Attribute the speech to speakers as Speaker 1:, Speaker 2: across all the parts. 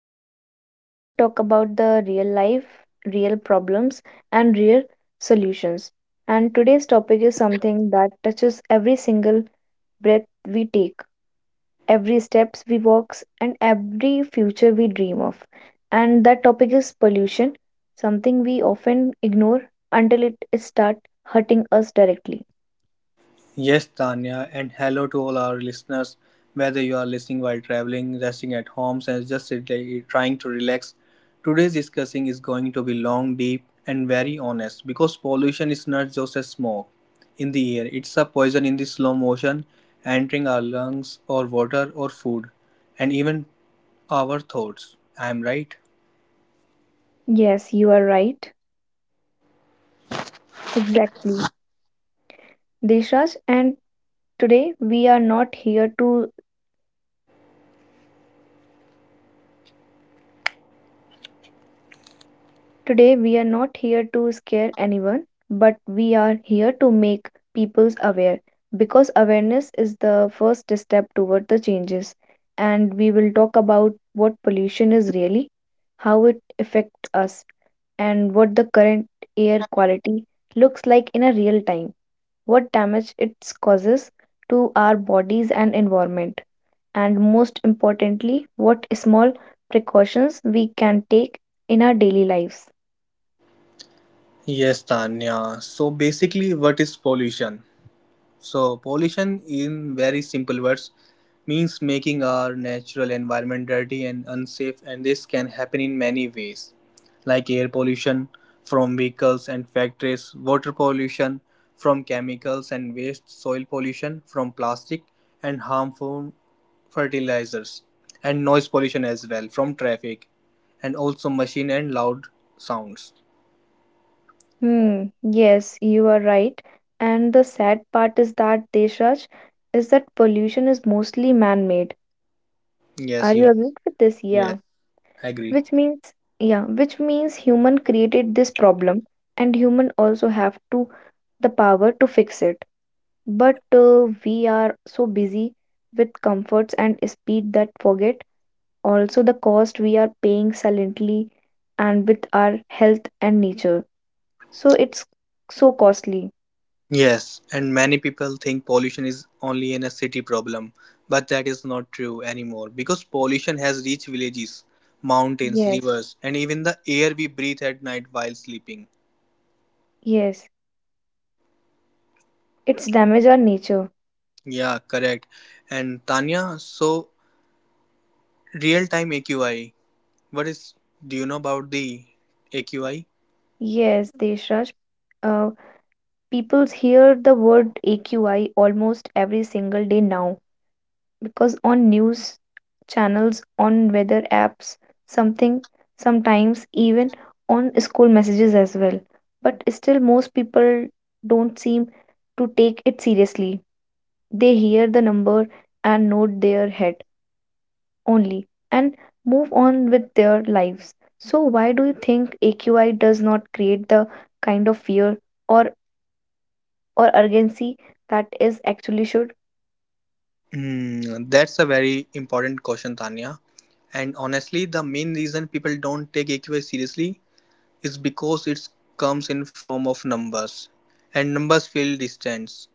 Speaker 1: podcast where we talk about the real life, real problems, and real solutions. And today's topic is something that touches every single breath we take, every steps we walk, and every future we dream of. And that topic is pollution, something we often ignore until it starts hurting us directly.
Speaker 2: Yes, Tanya, and hello to all our listeners. Whether you are listening while traveling, resting at home, and trying to relax, today's discussing is going to be long, deep, and very honest because pollution is not just a smoke in the air, it's a poison in the slow motion entering our lungs, or water, or food, and even our thoughts. I'm right.
Speaker 1: Yes, you are right. Exactly. Deshraj, and today we are not here to Today, we are not here to scare anyone, but we are here to make peoples aware because awareness is the first step toward the changes. And we will talk about what pollution is really, how it affects us, and what the current air quality looks like in a real time, what damage it causes to our bodies and environment, and most importantly, what small precautions we can take in our daily lives.
Speaker 2: Yes, Tanya. So basically, what is pollution? So, pollution, in very simple words, means making our natural environment dirty and unsafe, and this can happen in many ways, like air pollution from vehicles and factories, water pollution from chemicals and waste, soil pollution from plastic and harmful fertilizers, and noise pollution as well from traffic, and also machine and loud sounds.
Speaker 1: Hmm, yes, you are right. And the sad part is that, Deshraj, is that pollution is mostly man-made. Are
Speaker 2: Yes,
Speaker 1: you
Speaker 2: you
Speaker 1: agreed with this?
Speaker 2: yes,
Speaker 1: Yeah.
Speaker 2: I agree.
Speaker 1: Which means, yeah, which means human created this problem and human also have to the power to fix it. But we are so busy with comforts and speed that forget also the cost we are paying silently and with our health and nature. So it's so costly.
Speaker 2: Yes, and many people think pollution is only in a city problem, but that is not true anymore because pollution has reached villages, mountains,
Speaker 1: Yes.
Speaker 2: rivers, and even the air we breathe at night while sleeping.
Speaker 1: Yes, it's damage our nature.
Speaker 2: Yeah, correct. And Tanya, so real time AQI, what is do you know about the AQI?
Speaker 1: Yes, Deshraj. Uh, People hear the word AQI almost every single day now because on news channels, on weather apps, something, sometimes even on school messages as well. But still, most people don't seem to take it seriously. They hear the number and nod their head, only and move on with their lives. So why do you think AQI does not create the kind of fear or urgency that is actually should?
Speaker 2: Hmm, that's a very important question, Tanya. And honestly, the main reason people don't take AQI seriously is because it comes in form of numbers, and numbers feel distant,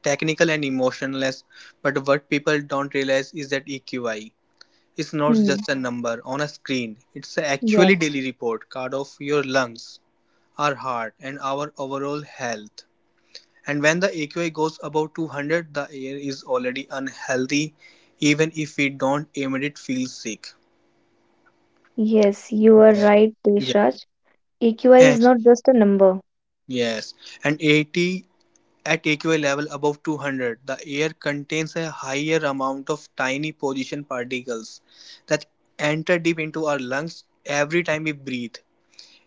Speaker 2: technical and emotionless, but what people don't realize is that eqi is not
Speaker 1: Hmm.
Speaker 2: just a number on a screen, it's
Speaker 1: Yes.
Speaker 2: actually daily report card of your lungs, our heart and our overall health. And when the aqi goes above 200, the air is already unhealthy even if we don't immediately feel sick.
Speaker 1: Yes, you are
Speaker 2: Yeah,
Speaker 1: right,
Speaker 2: yeah.
Speaker 1: Deshraj. AQI is
Speaker 2: And,
Speaker 1: not just a number.
Speaker 2: yes and 80 at aqua level above 200, the air contains a higher amount of tiny position particles that enter deep into our lungs every time we breathe.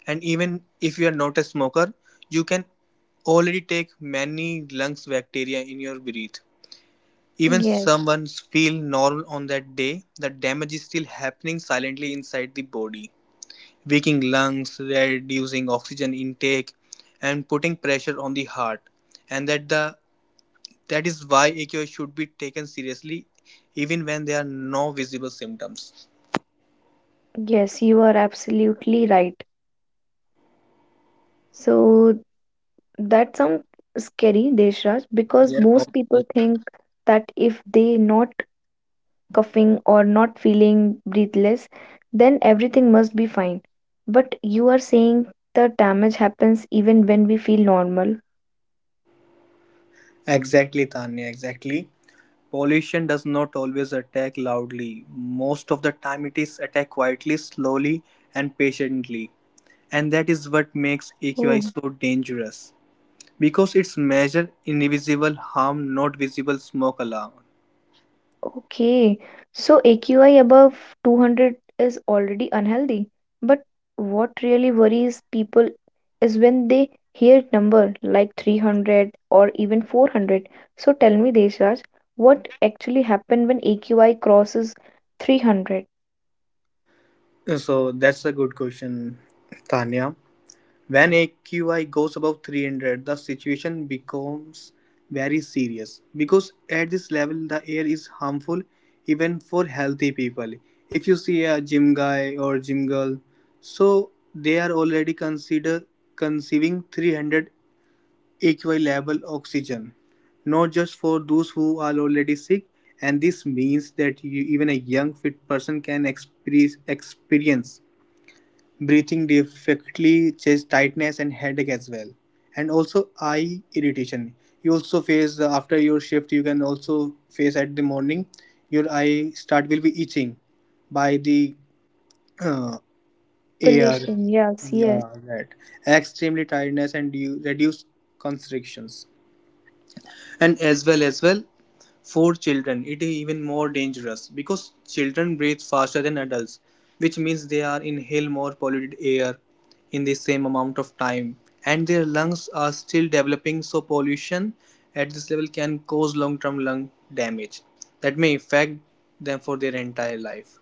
Speaker 2: And even if you are not a smoker, you can already take many lungs bacteria in your breath. Even
Speaker 1: Yes.
Speaker 2: someone feel normal on that day, the damage is still happening silently inside the body, weakening lungs, reducing oxygen intake, and putting pressure on the heart. And that the That is why AQI should be taken seriously even when there are no visible symptoms.
Speaker 1: Yes, you are absolutely right. So that sounds scary, Deshraj, because
Speaker 2: Yes,
Speaker 1: most
Speaker 2: obviously.
Speaker 1: people think that if they not coughing, or not feeling breathless, then everything must be fine. But you are saying the damage happens even when we feel normal.
Speaker 2: Exactly, Tanya, exactly. Pollution does not always attack loudly. Most of the time, it is attack quietly, slowly, and patiently. And that is what makes AQI
Speaker 1: Oh,
Speaker 2: so dangerous because it's measure invisible harm, not visible smoke alarm.
Speaker 1: okay. So AQI above 200 is already unhealthy. But what really worries people is when they hear number like 300 or even 400. So tell me, Deshraj, what actually happened when AQI crosses 300?
Speaker 2: So that's a good question, Tanya. When AQI goes above 300, the situation becomes very serious because at this level the air is harmful even for healthy people. If you see a gym guy or gym girl, so they are already consider conceiving 300 AQI level oxygen, not just for those who are already sick. And this means that you, even a young fit person can experience breathing difficulty, chest tightness, and headache as well, and also eye irritation. You also face after your shift. You can also face at the morning. Your eye start will be itching by the uh, air.
Speaker 1: Population, yes, yes.
Speaker 2: Yeah, right. Extremely tiredness and you reduce constrictions, and as well for children, it is even more dangerous because children breathe faster than adults, which means they are inhale more polluted air in the same amount of time, and their lungs are still developing, so pollution at this level can cause long-term lung damage that may affect them for their entire life.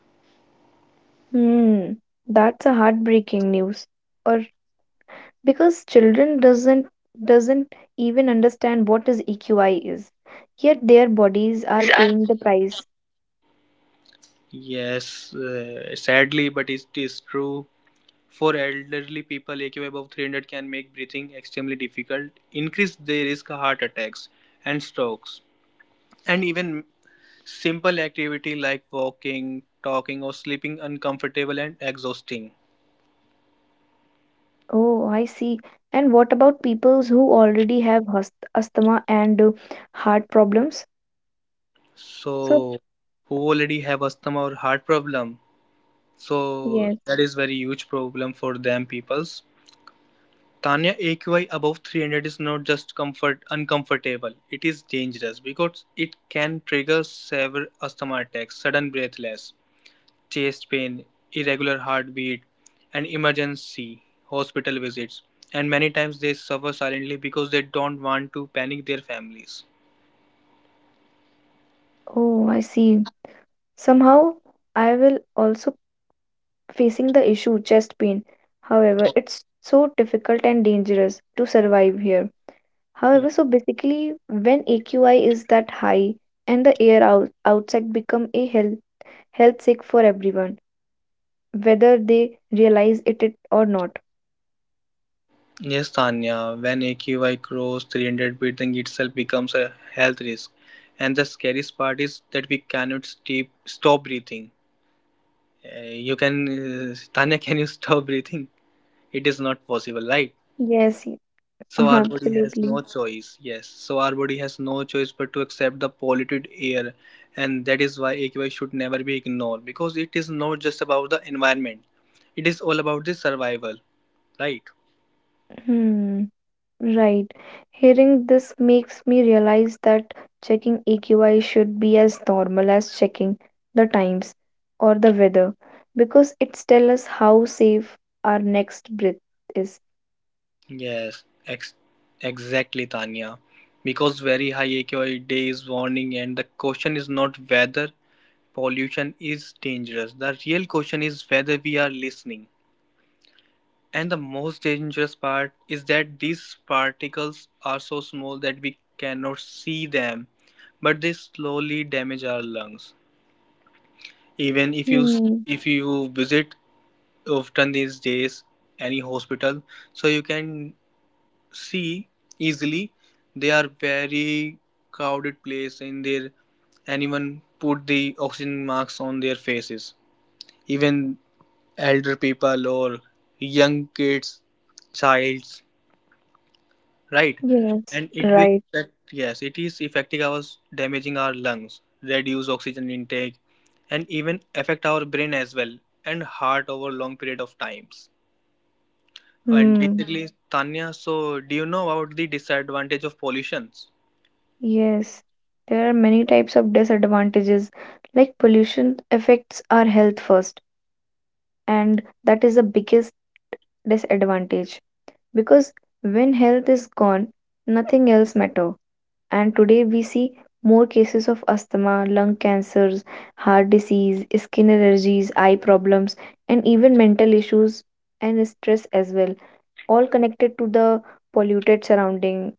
Speaker 1: Hmm, that's a heartbreaking news. Or because children doesn't even understand what is EQI is, yet their bodies are paying the price.
Speaker 2: Yes, sadly, but it is true. For elderly people, AQI above 300 can make breathing extremely difficult, increase the risk of heart attacks and strokes, and even simple activity like walking, talking or sleeping uncomfortable and exhausting.
Speaker 1: Oh, I see. And what about peoples who already have asthma and heart problems? So
Speaker 2: So who already have asthma or heart problem, so
Speaker 1: yes.
Speaker 2: that is very huge problem for them peoples, Tanya. AQI above 300 is not just comfort uncomfortable, it is dangerous because it can trigger severe asthma attacks, sudden breathless, chest pain, irregular heartbeat, and emergency hospital visits. And many times they suffer silently because they don't want to panic their families.
Speaker 1: Oh, I see. Somehow I will also facing the issue chest pain. However, it's so difficult and dangerous to survive here.
Speaker 2: Yeah.
Speaker 1: However, so basically, when AQI is that high and the air outside become a health sick for everyone, whether they realize it or not.
Speaker 2: Yes, Tanya, when AQI crosses 300, breathing itself becomes a health risk. And the scariest part is that we cannot stop breathing. You can, Tanya, can you stop breathing? It is not possible, right?
Speaker 1: Yes, y-
Speaker 2: So our body has
Speaker 1: absolutely.
Speaker 2: no choice. Yes. So our body has no choice but to accept the polluted air, and that is why AQI should never be ignored because it is not just about the environment. It is all about the survival, right?
Speaker 1: Hmm, right. Hearing this makes me realize that checking AQI should be as normal as checking the times or the weather, because it tells us how safe our next breath is.
Speaker 2: Yes. Exactly, Tanya. Because very high AQI day is warning, and the question is not whether pollution is dangerous. The real question is whether we are listening. And the most dangerous part is that these particles are so small that we cannot see them, but they slowly damage our lungs. Even if you
Speaker 1: Hmm,
Speaker 2: If you visit often these days any hospital, so you can see easily they are very crowded place in there. Anyone put the oxygen masks on their faces. Even elder people or young kids, childs, right?
Speaker 1: yes,
Speaker 2: And it will
Speaker 1: right.
Speaker 2: affect, yes it is affecting our, damaging our lungs, reduce oxygen intake, and even affect our brain as well, and heart over long period of times. And
Speaker 1: Hmm.
Speaker 2: basically Tanya, so do you know about the disadvantage of pollutions?
Speaker 1: Yes, there are many types of disadvantages. Like pollution affects our health first, and that is the biggest disadvantage because when health is gone, nothing else matter. And today we see more cases of asthma, lung cancers, heart disease, skin allergies, eye problems, and even mental issues and stress as well, all connected to the polluted surrounding.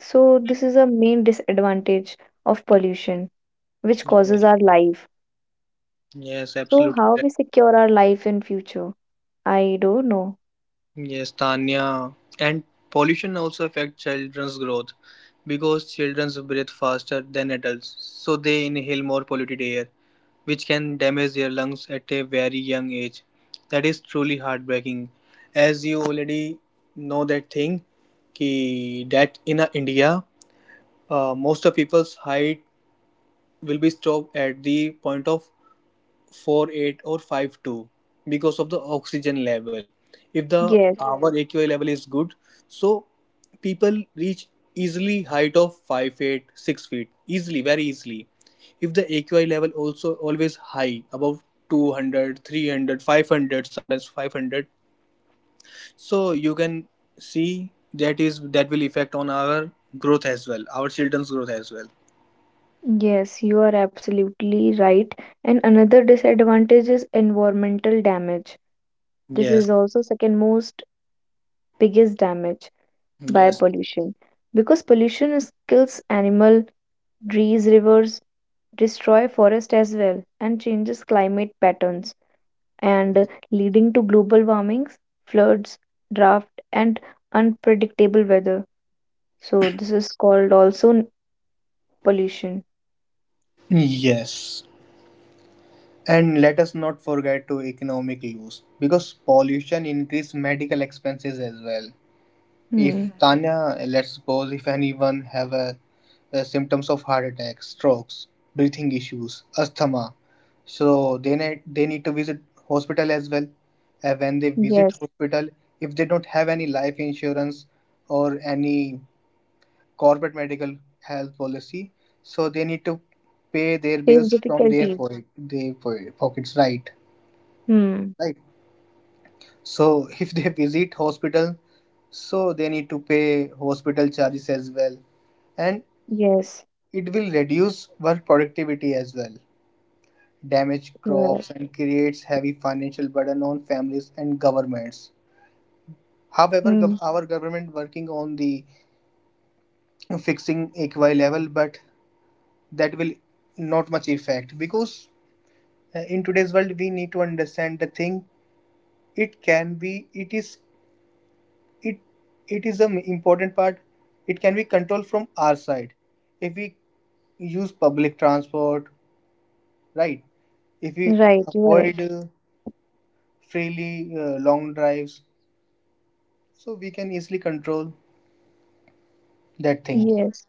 Speaker 1: So this is a main disadvantage of pollution which
Speaker 2: Yeah.
Speaker 1: causes our life.
Speaker 2: Yes,
Speaker 1: So
Speaker 2: absolutely
Speaker 1: how
Speaker 2: right.
Speaker 1: we secure our life in future? I don't know.
Speaker 2: Yes Tanya, and pollution also affect children's growth because children's breathe faster than adults, so they inhale more polluted air which can damage their lungs at a very young age. That is truly heartbreaking. As you already know that thing, ki that in India, most of people's height will be stopped at the point of 4'8" or 5'2", because of the oxygen level. If the
Speaker 1: Yes,
Speaker 2: our aqi level is good, so people reach easily height of 5'8" 6 feet easily, very easily. If the aqi level also always high above 200 300 500 sometimes 500, so you can see that is that will affect on our growth as well, our children's growth as well.
Speaker 1: yes, you are absolutely right. And another disadvantage is environmental damage. This
Speaker 2: yes
Speaker 1: is also second most biggest damage by
Speaker 2: yes
Speaker 1: pollution because kills animal, trees, rivers, destroy forest as well and changes climate patterns and leading to global warmings, floods, drought and unpredictable weather. So this is called also n- pollution.
Speaker 2: yes And let us not forget to economic loss because pollution increase medical expenses as well.
Speaker 1: Hmm.
Speaker 2: If Tanya, let's suppose if anyone a symptoms of heart attack, strokes, breathing issues, asthma, so they need to visit hospital as well. And when they visit
Speaker 1: Yes,
Speaker 2: hospital, if they don't have any life insurance or any corporate medical health policy, so they need to pay their
Speaker 1: face
Speaker 2: bills from
Speaker 1: difficulties.
Speaker 2: pockets, right?
Speaker 1: Hmm.
Speaker 2: Right. So if they visit hospital, so they need to pay hospital charges as well, and
Speaker 1: Yes.
Speaker 2: it will reduce work productivity as well, damage
Speaker 1: You are right.
Speaker 2: crops and creates heavy financial burden on families and governments. However,
Speaker 1: Hmm.
Speaker 2: our government working on the fixing equi level, but that will not much effect because in today's world we need to understand the thing, it can be it is it it is an important part, it can be controlled from our side if we use public transport, right? If we
Speaker 1: Right. You are
Speaker 2: avoid
Speaker 1: right.
Speaker 2: freely long drives, so we can easily control that thing.
Speaker 1: Yes,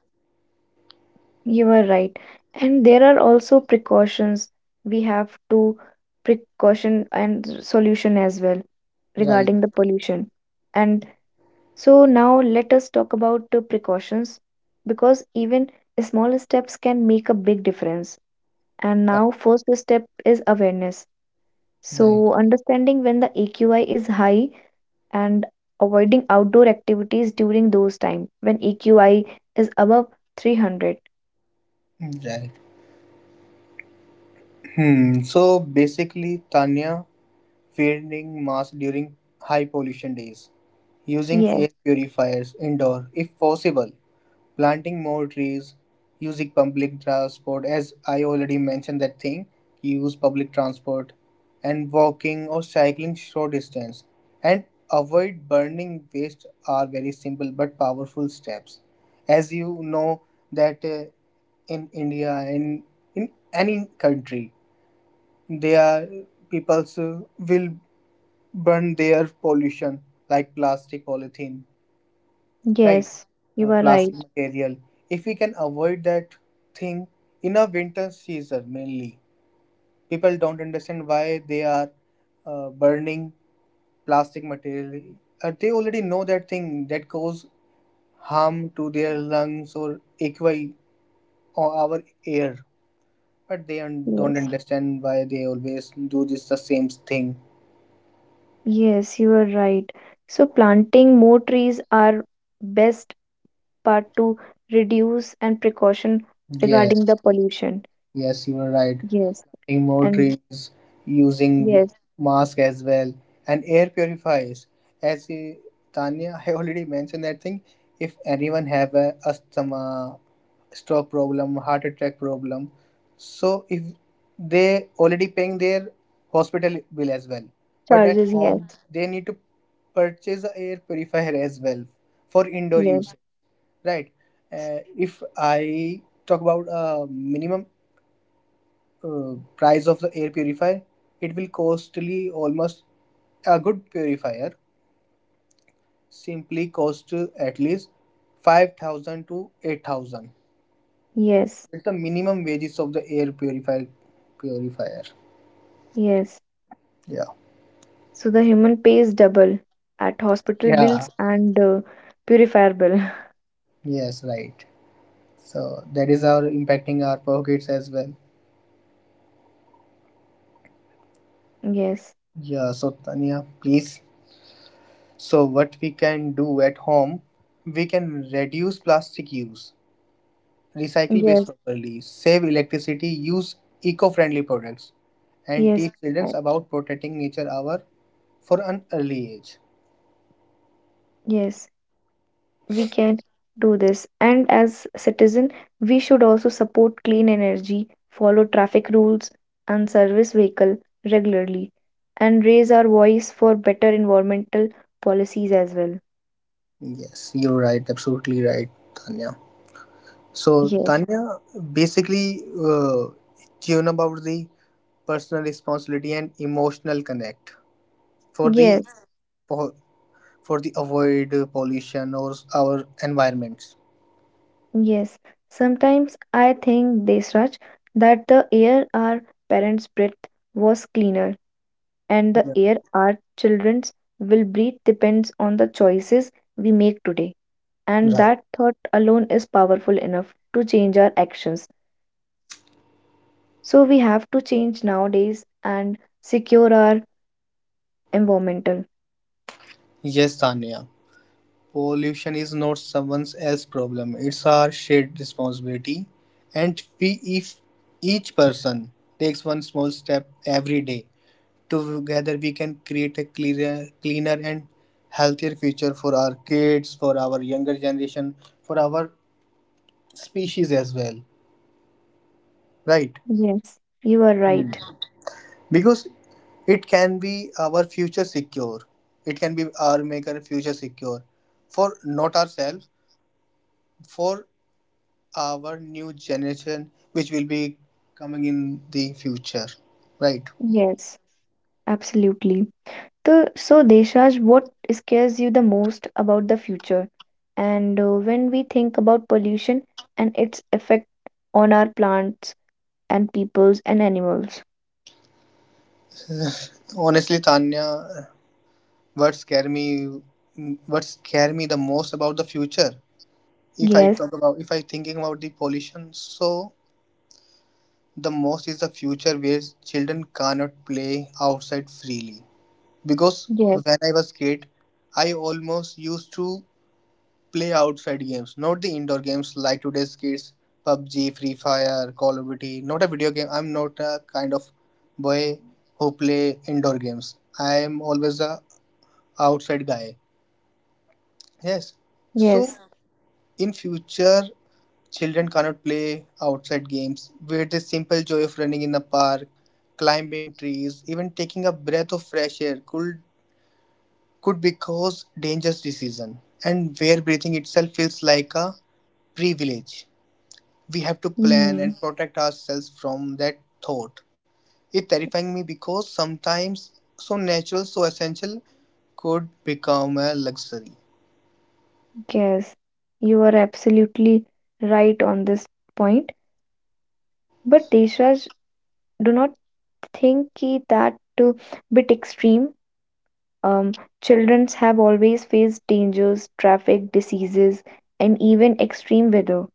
Speaker 1: you are right. And there are also precautions. We have to precaution and s- solution as well
Speaker 2: right
Speaker 1: regarding the pollution. And so now let us talk about the precautions because even small steps can make a big difference. And
Speaker 2: right
Speaker 1: now first step is awareness.
Speaker 2: right
Speaker 1: So, understanding when the AQI is high and avoiding outdoor activities during those time when AQI is above 300.
Speaker 2: right Hmm. So basically Tanya, wearing mask during high pollution days, using
Speaker 1: Yes,
Speaker 2: air purifiers indoor if possible, planting more trees, using public transport, as I already mentioned that thing, use public transport, and walking or cycling short distance, and avoid burning waste are very simple but powerful steps. As you know that in India and in any country, they are people's will burn their pollution like plastic, polythene, right?
Speaker 1: yes, you are right.
Speaker 2: Plastic material. If we can avoid that thing, in a winter season mainly, people don't understand why they are burning plastic material. They already know that thing that cause harm to their lungs or AQI or our air, but they don't
Speaker 1: Yes,
Speaker 2: understand why they always do this the same thing.
Speaker 1: yes, you are right. So, planting more trees are best part to reduce and precaution regarding
Speaker 2: Yes.
Speaker 1: the pollution.
Speaker 2: Yes, you are right.
Speaker 1: Yes,
Speaker 2: Planting more
Speaker 1: and
Speaker 2: trees, using
Speaker 1: yes,
Speaker 2: mask as well, and air purifiers. As Tanya, I already mentioned that thing. If anyone have a asthma, stroke problem, heart attack problem, so if they already paying their hospital bill as well, but at
Speaker 1: charges. Yes,
Speaker 2: home they need to purchase a air purifier as well for indoor
Speaker 1: yes,
Speaker 2: use, right? If I talk about a minimum price of the air purifier, it will costly almost. A good purifier simply cost at least 5,000 to 8,000.
Speaker 1: yes,
Speaker 2: It's the minimum wages of the air purifier.
Speaker 1: yes.
Speaker 2: Yeah,
Speaker 1: So the human pays double at hospital
Speaker 2: yeah.
Speaker 1: bills and purifier bill.
Speaker 2: Yes, right. So that is our impacting our pockets as well.
Speaker 1: Yes,
Speaker 2: Yeah. So Tanya please, so what we can do at home, we can reduce plastic use, recycle waste
Speaker 1: yes,
Speaker 2: properly, save electricity, use eco-friendly products, and
Speaker 1: yes,
Speaker 2: teach children
Speaker 1: and
Speaker 2: about protecting nature our for an early age.
Speaker 1: yes. We can do this, and as citizen, we should also support clean energy, follow traffic rules, and service vehicle regularly, and raise our voice for better environmental policies as well.
Speaker 2: Yes, you're right, absolutely right, Tanya. So,
Speaker 1: Yes,
Speaker 2: Tanya, basically, tune about the personal responsibility and emotional connect for the
Speaker 1: yes,
Speaker 2: for, for the avoid pollution or our environments.
Speaker 1: yes. Sometimes I think, Desraj, that the air our parents breathed was cleaner and the
Speaker 2: Yeah.
Speaker 1: air our children's will breathe depends on the choices we make today. And
Speaker 2: Right.
Speaker 1: that thought alone is powerful enough to change our actions. So we have to change nowadays and secure our environmental.
Speaker 2: Yes, Tanya. Pollution is not someone else's problem. It's our shared responsibility. And we, if each person takes one small step every day, together we can create a clearer, cleaner and healthier future for our kids, for our younger generation, for our species as well. Right?
Speaker 1: Yes, you are right.
Speaker 2: Because it can be our future secure. It can be our maker future secure for not ourselves, for our new generation which will be coming in the future, right?
Speaker 1: Yes, absolutely. So Deshraj, what scares you the most about the future? And when we think about pollution and its effect on our plants and peoples and animals.
Speaker 2: Honestly, Tanya, what scare me what scare me the most about the future, if I
Speaker 1: Yes.
Speaker 2: talk about, if I thinking about the pollution, so the most is the future where children cannot play outside freely because
Speaker 1: Yes,
Speaker 2: when I was kid, I almost used to play outside games, not the indoor games like today's kids, PUBG, Free Fire, Call of Duty. Not a video game. I'm not a kind of boy who play indoor games. I am always a outside guy. Yes. So
Speaker 1: yes,
Speaker 2: in future, children cannot play outside games where the simple joy of running in the park, climbing trees, even taking a breath of fresh air could be cause dangerous decision and where breathing itself feels like a privilege. We have to plan
Speaker 1: mm,
Speaker 2: and protect ourselves from that thought. It terrifying me because sometimes so natural, so essential could become a luxury.
Speaker 1: yes. You are absolutely right on this point. But Deshraj, do not think ki that a bit extreme. Um, Childrens have always faced dangers, traffic, diseases, and even extreme weather.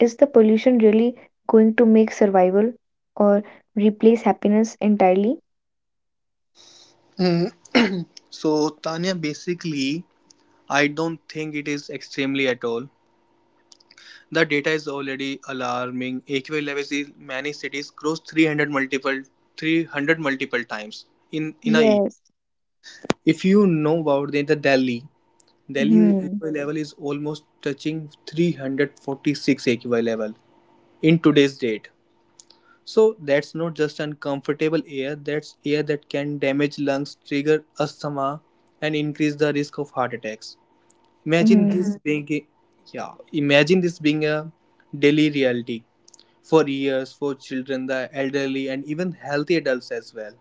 Speaker 1: Is the pollution really going to make survival or replace happiness entirely?
Speaker 2: Hmm. So, Tanya, basically, I don't think it is extremely at all. The data is already alarming. AQI levels in many cities cross 300 multiple times in a year.
Speaker 1: Yes.
Speaker 2: If you know about the Delhi, Delhi
Speaker 1: Hmm.
Speaker 2: AQI level is almost touching 346 AQI level in today's date. So that's not just uncomfortable air, that's air that can damage lungs, trigger asthma, and increase the risk of heart attacks. Imagine
Speaker 1: Hmm.
Speaker 2: this being a, yeah, Imagine this being a daily reality for years, for children, the elderly, and even healthy adults as well.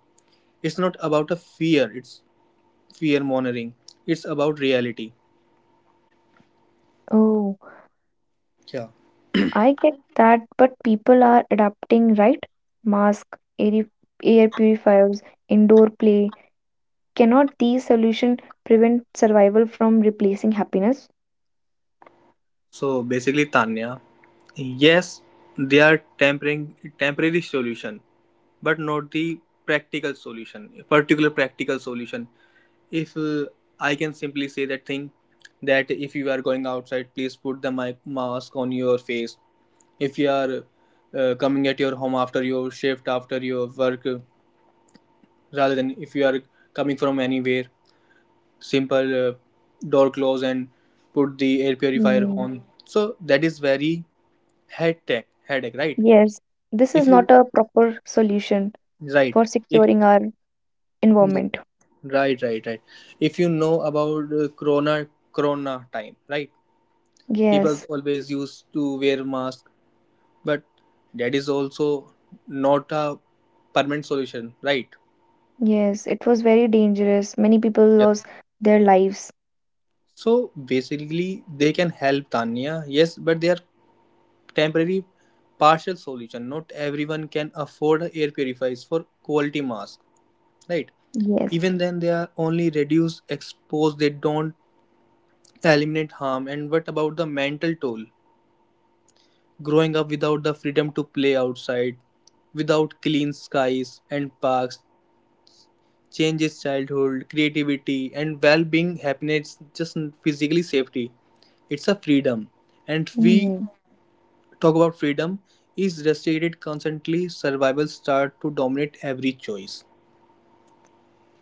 Speaker 2: It's not about a fear, it's fear monitoring. It's about reality.
Speaker 1: Oh.
Speaker 2: Yeah.
Speaker 1: I get that, but people are adapting, right? Mask, air, air purifiers, indoor play. Cannot these solutions prevent survival from replacing happiness?
Speaker 2: So basically, Tanya, yes, they are tempering temporary solution, but not the practical solution. Particular practical solution. If I can simply say that thing, that if you are going outside, please put the mask on your face. If you are coming at your home after your shift, after your work, rather than if you are coming from anywhere, simple door close and put the air purifier
Speaker 1: Hmm.
Speaker 2: on. So that is very headache, right?
Speaker 1: Yes, this is
Speaker 2: if you
Speaker 1: not a proper solution
Speaker 2: right
Speaker 1: for
Speaker 2: if
Speaker 1: securing our
Speaker 2: yeah,
Speaker 1: environment.
Speaker 2: Right, right, right, right. If you know about corona time, right? People
Speaker 1: Yes,
Speaker 2: always used to wear mask, but that is also not a permanent solution, right?
Speaker 1: yes, it was very dangerous. Many people
Speaker 2: Yeah.
Speaker 1: lost their lives.
Speaker 2: So basically, they can help, Tanya, yes, but they are temporary partial solution. Not everyone can afford air purifiers for quality mask, right?
Speaker 1: Yes.
Speaker 2: Even then, they are only reduce expose, they don't eliminate harm. And what about the mental toll? Growing up without the freedom to play outside, without clean skies and parks, changes childhood creativity and well-being happiness just physically safety, it's a freedom, and we
Speaker 1: Hmm.
Speaker 2: talk about freedom is restricted constantly, survival start to dominate every choice.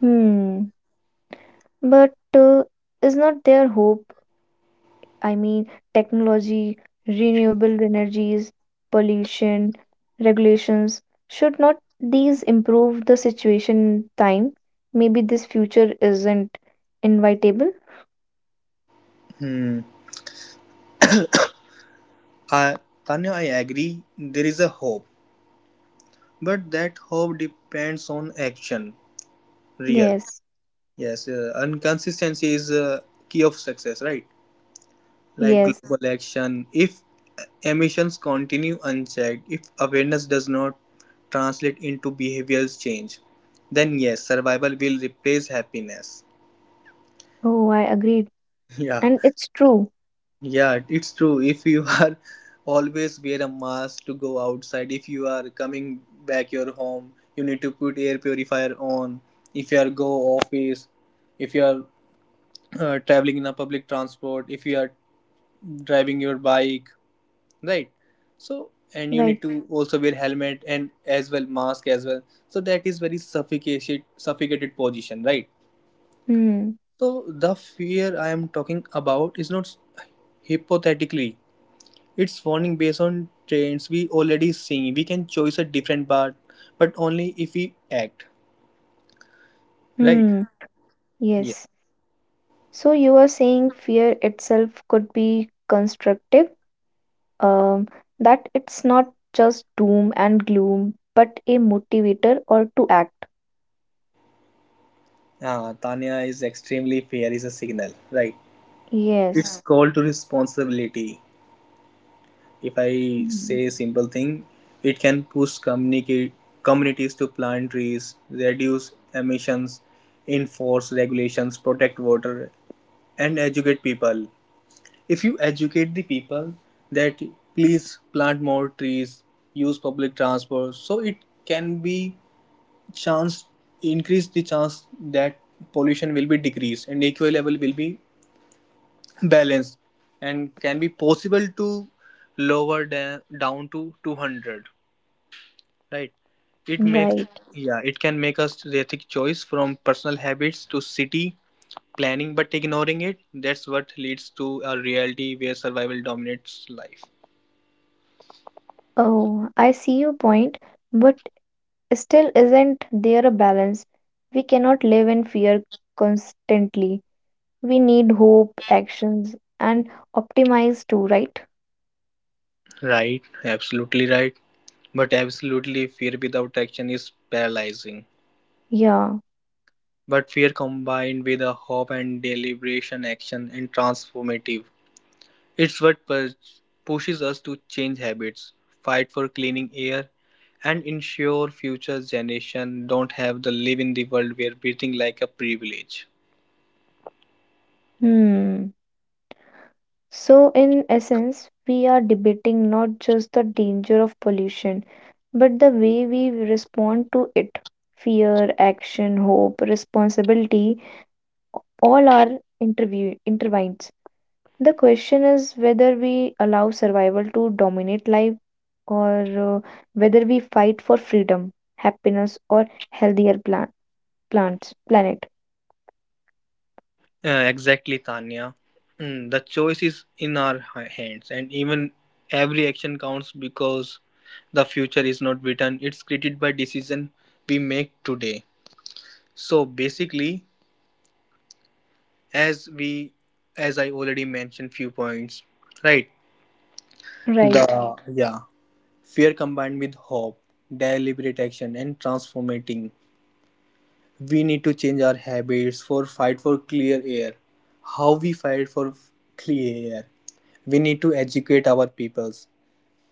Speaker 1: Hmm. But is not there hope? I mean, technology, renewable energies, pollution, regulations. Should not these improve the situation in time? Maybe this future isn't invitable.
Speaker 2: Hmm. I, Tanya, I agree. There is a hope, but that hope depends on action. Real.
Speaker 1: Yes,
Speaker 2: Yes. And consistency is key of success, right? Like
Speaker 1: yes.
Speaker 2: global action. If emissions continue unchecked, if awareness does not translate into behavioral change, then yes, survival will replace happiness.
Speaker 1: Oh, I agreed.
Speaker 2: Yeah,
Speaker 1: And it's true.
Speaker 2: yeah, it's true. If you are always wear a mask to go outside, if you are coming back your home, you need to put air purifier on. If you are go office, if you are traveling in a public transport, if you are driving your bike, right? So and you
Speaker 1: Right.
Speaker 2: need to also wear helmet and as well mask as well, so that is very suffocated position, right?
Speaker 1: Hmm.
Speaker 2: So the fear I am talking about is not hypothetically, it's warning based on trends we already seeing. We can choose a different path, but only if we act, right?
Speaker 1: Hmm.
Speaker 2: Yeah.
Speaker 1: Yes. So you are saying fear itself could be constructive, um, that it's not just doom and gloom, but a motivator or to act.
Speaker 2: Tanya, is extremely fair is a signal, right? It's
Speaker 1: Yes,
Speaker 2: called to responsibility. If I say
Speaker 1: Hmm.
Speaker 2: a simple thing, it can push communicate communities to plant trees, reduce emissions, enforce regulations, protect water, and educate people. If you educate the people that please plant more trees, use public transport, so it can be chance, increase the chance that pollution will be decreased and equal level will be balance and can be possible to lower down to 200, right? It makes,
Speaker 1: right.
Speaker 2: yeah, it can make us ethic choice from personal habits to city planning, but ignoring it, that's what leads to a reality where survival dominates life.
Speaker 1: Oh, I see your point, but still isn't there a balance? We cannot live in fear constantly. We need hope, actions, and optimize too, right?
Speaker 2: Right, absolutely right, but absolutely fear without action is paralyzing,
Speaker 1: Yeah.
Speaker 2: but fear combined with a hope and deliberation action and transformative. It's what pushes us to change habits, fight for cleaning air, and ensure future generations don't have to live in the world where breathing like a privilege.
Speaker 1: Hmm. So, in essence, we are debating not just the danger of pollution, but the way we respond to it. Fear, action, hope, responsibility, all are interview intertwined. The question is whether we allow survival to dominate life or uh, whether we fight for freedom, happiness, or healthier plants, planet.
Speaker 2: Exactly, Tanya. The choice is in our hands, and even every action counts because the future is not written; it's created by decision we make today. So basically, as we, as I already mentioned, few points, right?
Speaker 1: Right.
Speaker 2: The yeah Fear combined with hope, deliberate action and transformating. We need to change our habits for fight for clear air. How we fight for clear air. We need to educate our peoples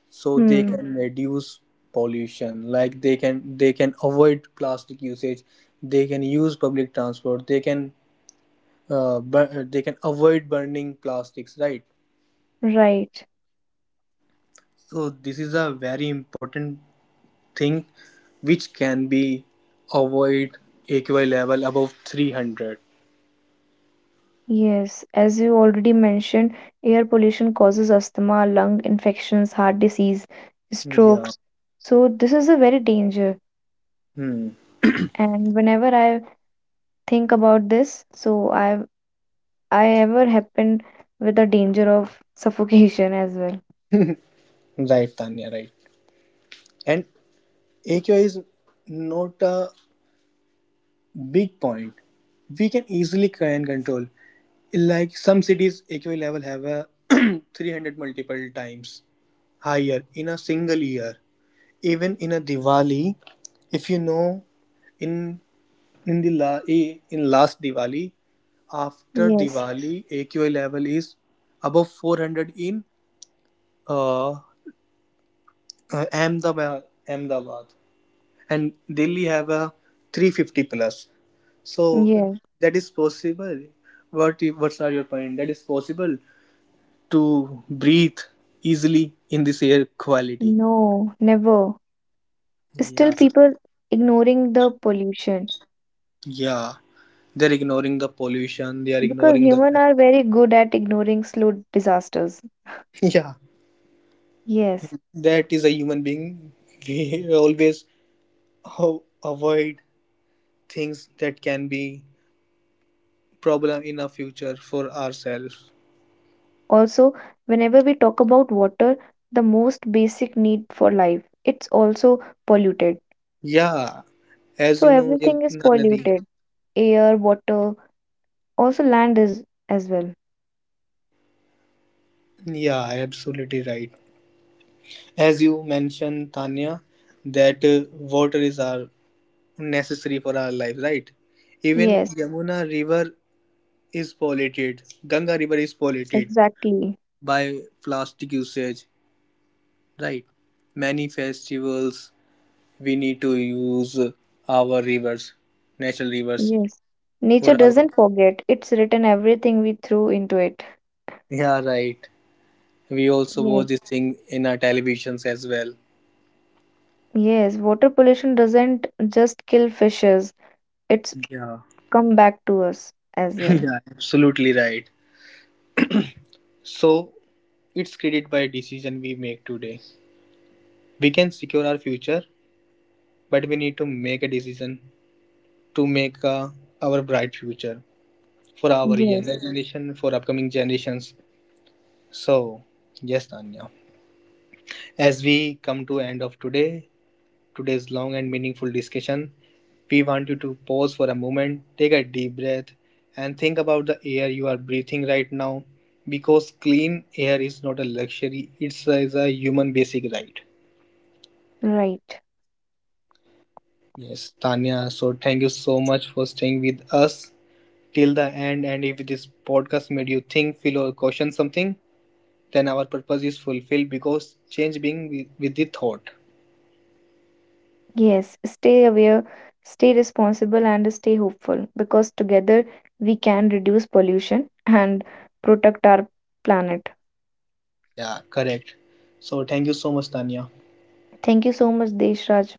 Speaker 2: so they
Speaker 1: Hmm.
Speaker 2: can Mhm. reduce pollution, like they can avoid plastic usage, they can use public transport, they can they can avoid burning plastics, right?
Speaker 1: Right.
Speaker 2: So this is a very important thing which can be avoid AQI level above 300.
Speaker 1: Yes. As you already mentioned, air pollution causes asthma, lung infections, heart disease,
Speaker 2: Yeah.
Speaker 1: strokes. So this is a very danger.
Speaker 2: Hmm.
Speaker 1: And whenever I think about this, so I ever happen with the danger of suffocation as well.
Speaker 2: Right, Tanya, right. And AQI is not a big point. We can easily can control. Like some cities, AQI level have a 300 multiple times higher in a single year. Even in a Diwali, if you know, in in the la- I- in last Diwali, after
Speaker 1: Yes.
Speaker 2: Diwali, AQI level is above 400 in uh, uh, Ahmedabad, Ahmedabad, and Delhi have a 350 plus. So
Speaker 1: Yes,
Speaker 2: that is possible. What's are your point? That is possible to breathe easily in this air quality.
Speaker 1: no, never.
Speaker 2: Yeah,
Speaker 1: Still, people ignoring the pollution
Speaker 2: yeah. They're ignoring the pollution. They are
Speaker 1: because
Speaker 2: ignoring the
Speaker 1: humans are very good at ignoring slow disasters.
Speaker 2: yeah.
Speaker 1: Yes.
Speaker 2: That is a human being. We always avoid things that can be problem in a future for ourselves.
Speaker 1: Also, whenever we talk about water, the most basic need for life, it's also polluted.
Speaker 2: Yeah, as
Speaker 1: So
Speaker 2: you know,
Speaker 1: everything is
Speaker 2: Yamuna Nadi.
Speaker 1: polluted, air, water, also land is as well.
Speaker 2: Yeah, absolutely right. As you mentioned, Tanya, that water is our necessary for our lives, right? Even
Speaker 1: Yes,
Speaker 2: Yamuna River is polluted. Ganga River is polluted
Speaker 1: exactly.
Speaker 2: by plastic usage, right? Many festivals we need to use our rivers, natural rivers
Speaker 1: Yes. Nature
Speaker 2: for our,
Speaker 1: doesn't forget. It's written everything we threw into it.
Speaker 2: yeah, right. We also watch
Speaker 1: Yes.
Speaker 2: this thing in our televisions as well.
Speaker 1: Yes, water pollution doesn't just kill fishes, it's
Speaker 2: Yeah,
Speaker 1: come back to us as well.
Speaker 2: yeah, absolutely right. So it's created by a decision we make today. We can secure our future, but we need to make a decision to make our bright future for our younger
Speaker 1: Yes,
Speaker 2: Mhm. generation, for upcoming generations. So yes, Tanya. As we come to end of today, today's long and meaningful discussion, we want you to pause for a moment, take a deep breath, and think about the air you are breathing right now because clean air is not a luxury, is a human basic right.
Speaker 1: right.
Speaker 2: Yes, Tanya, so thank you so much for staying with us till the end. And if this podcast made you think, feel, or question something, then our purpose is fulfilled because change being with the thought.
Speaker 1: Yes, stay aware, stay responsible, and stay hopeful because together we can reduce pollution and protect our planet.
Speaker 2: Yeah, correct. So thank you so much, Tanya.
Speaker 1: Thank you so much, Deshraj.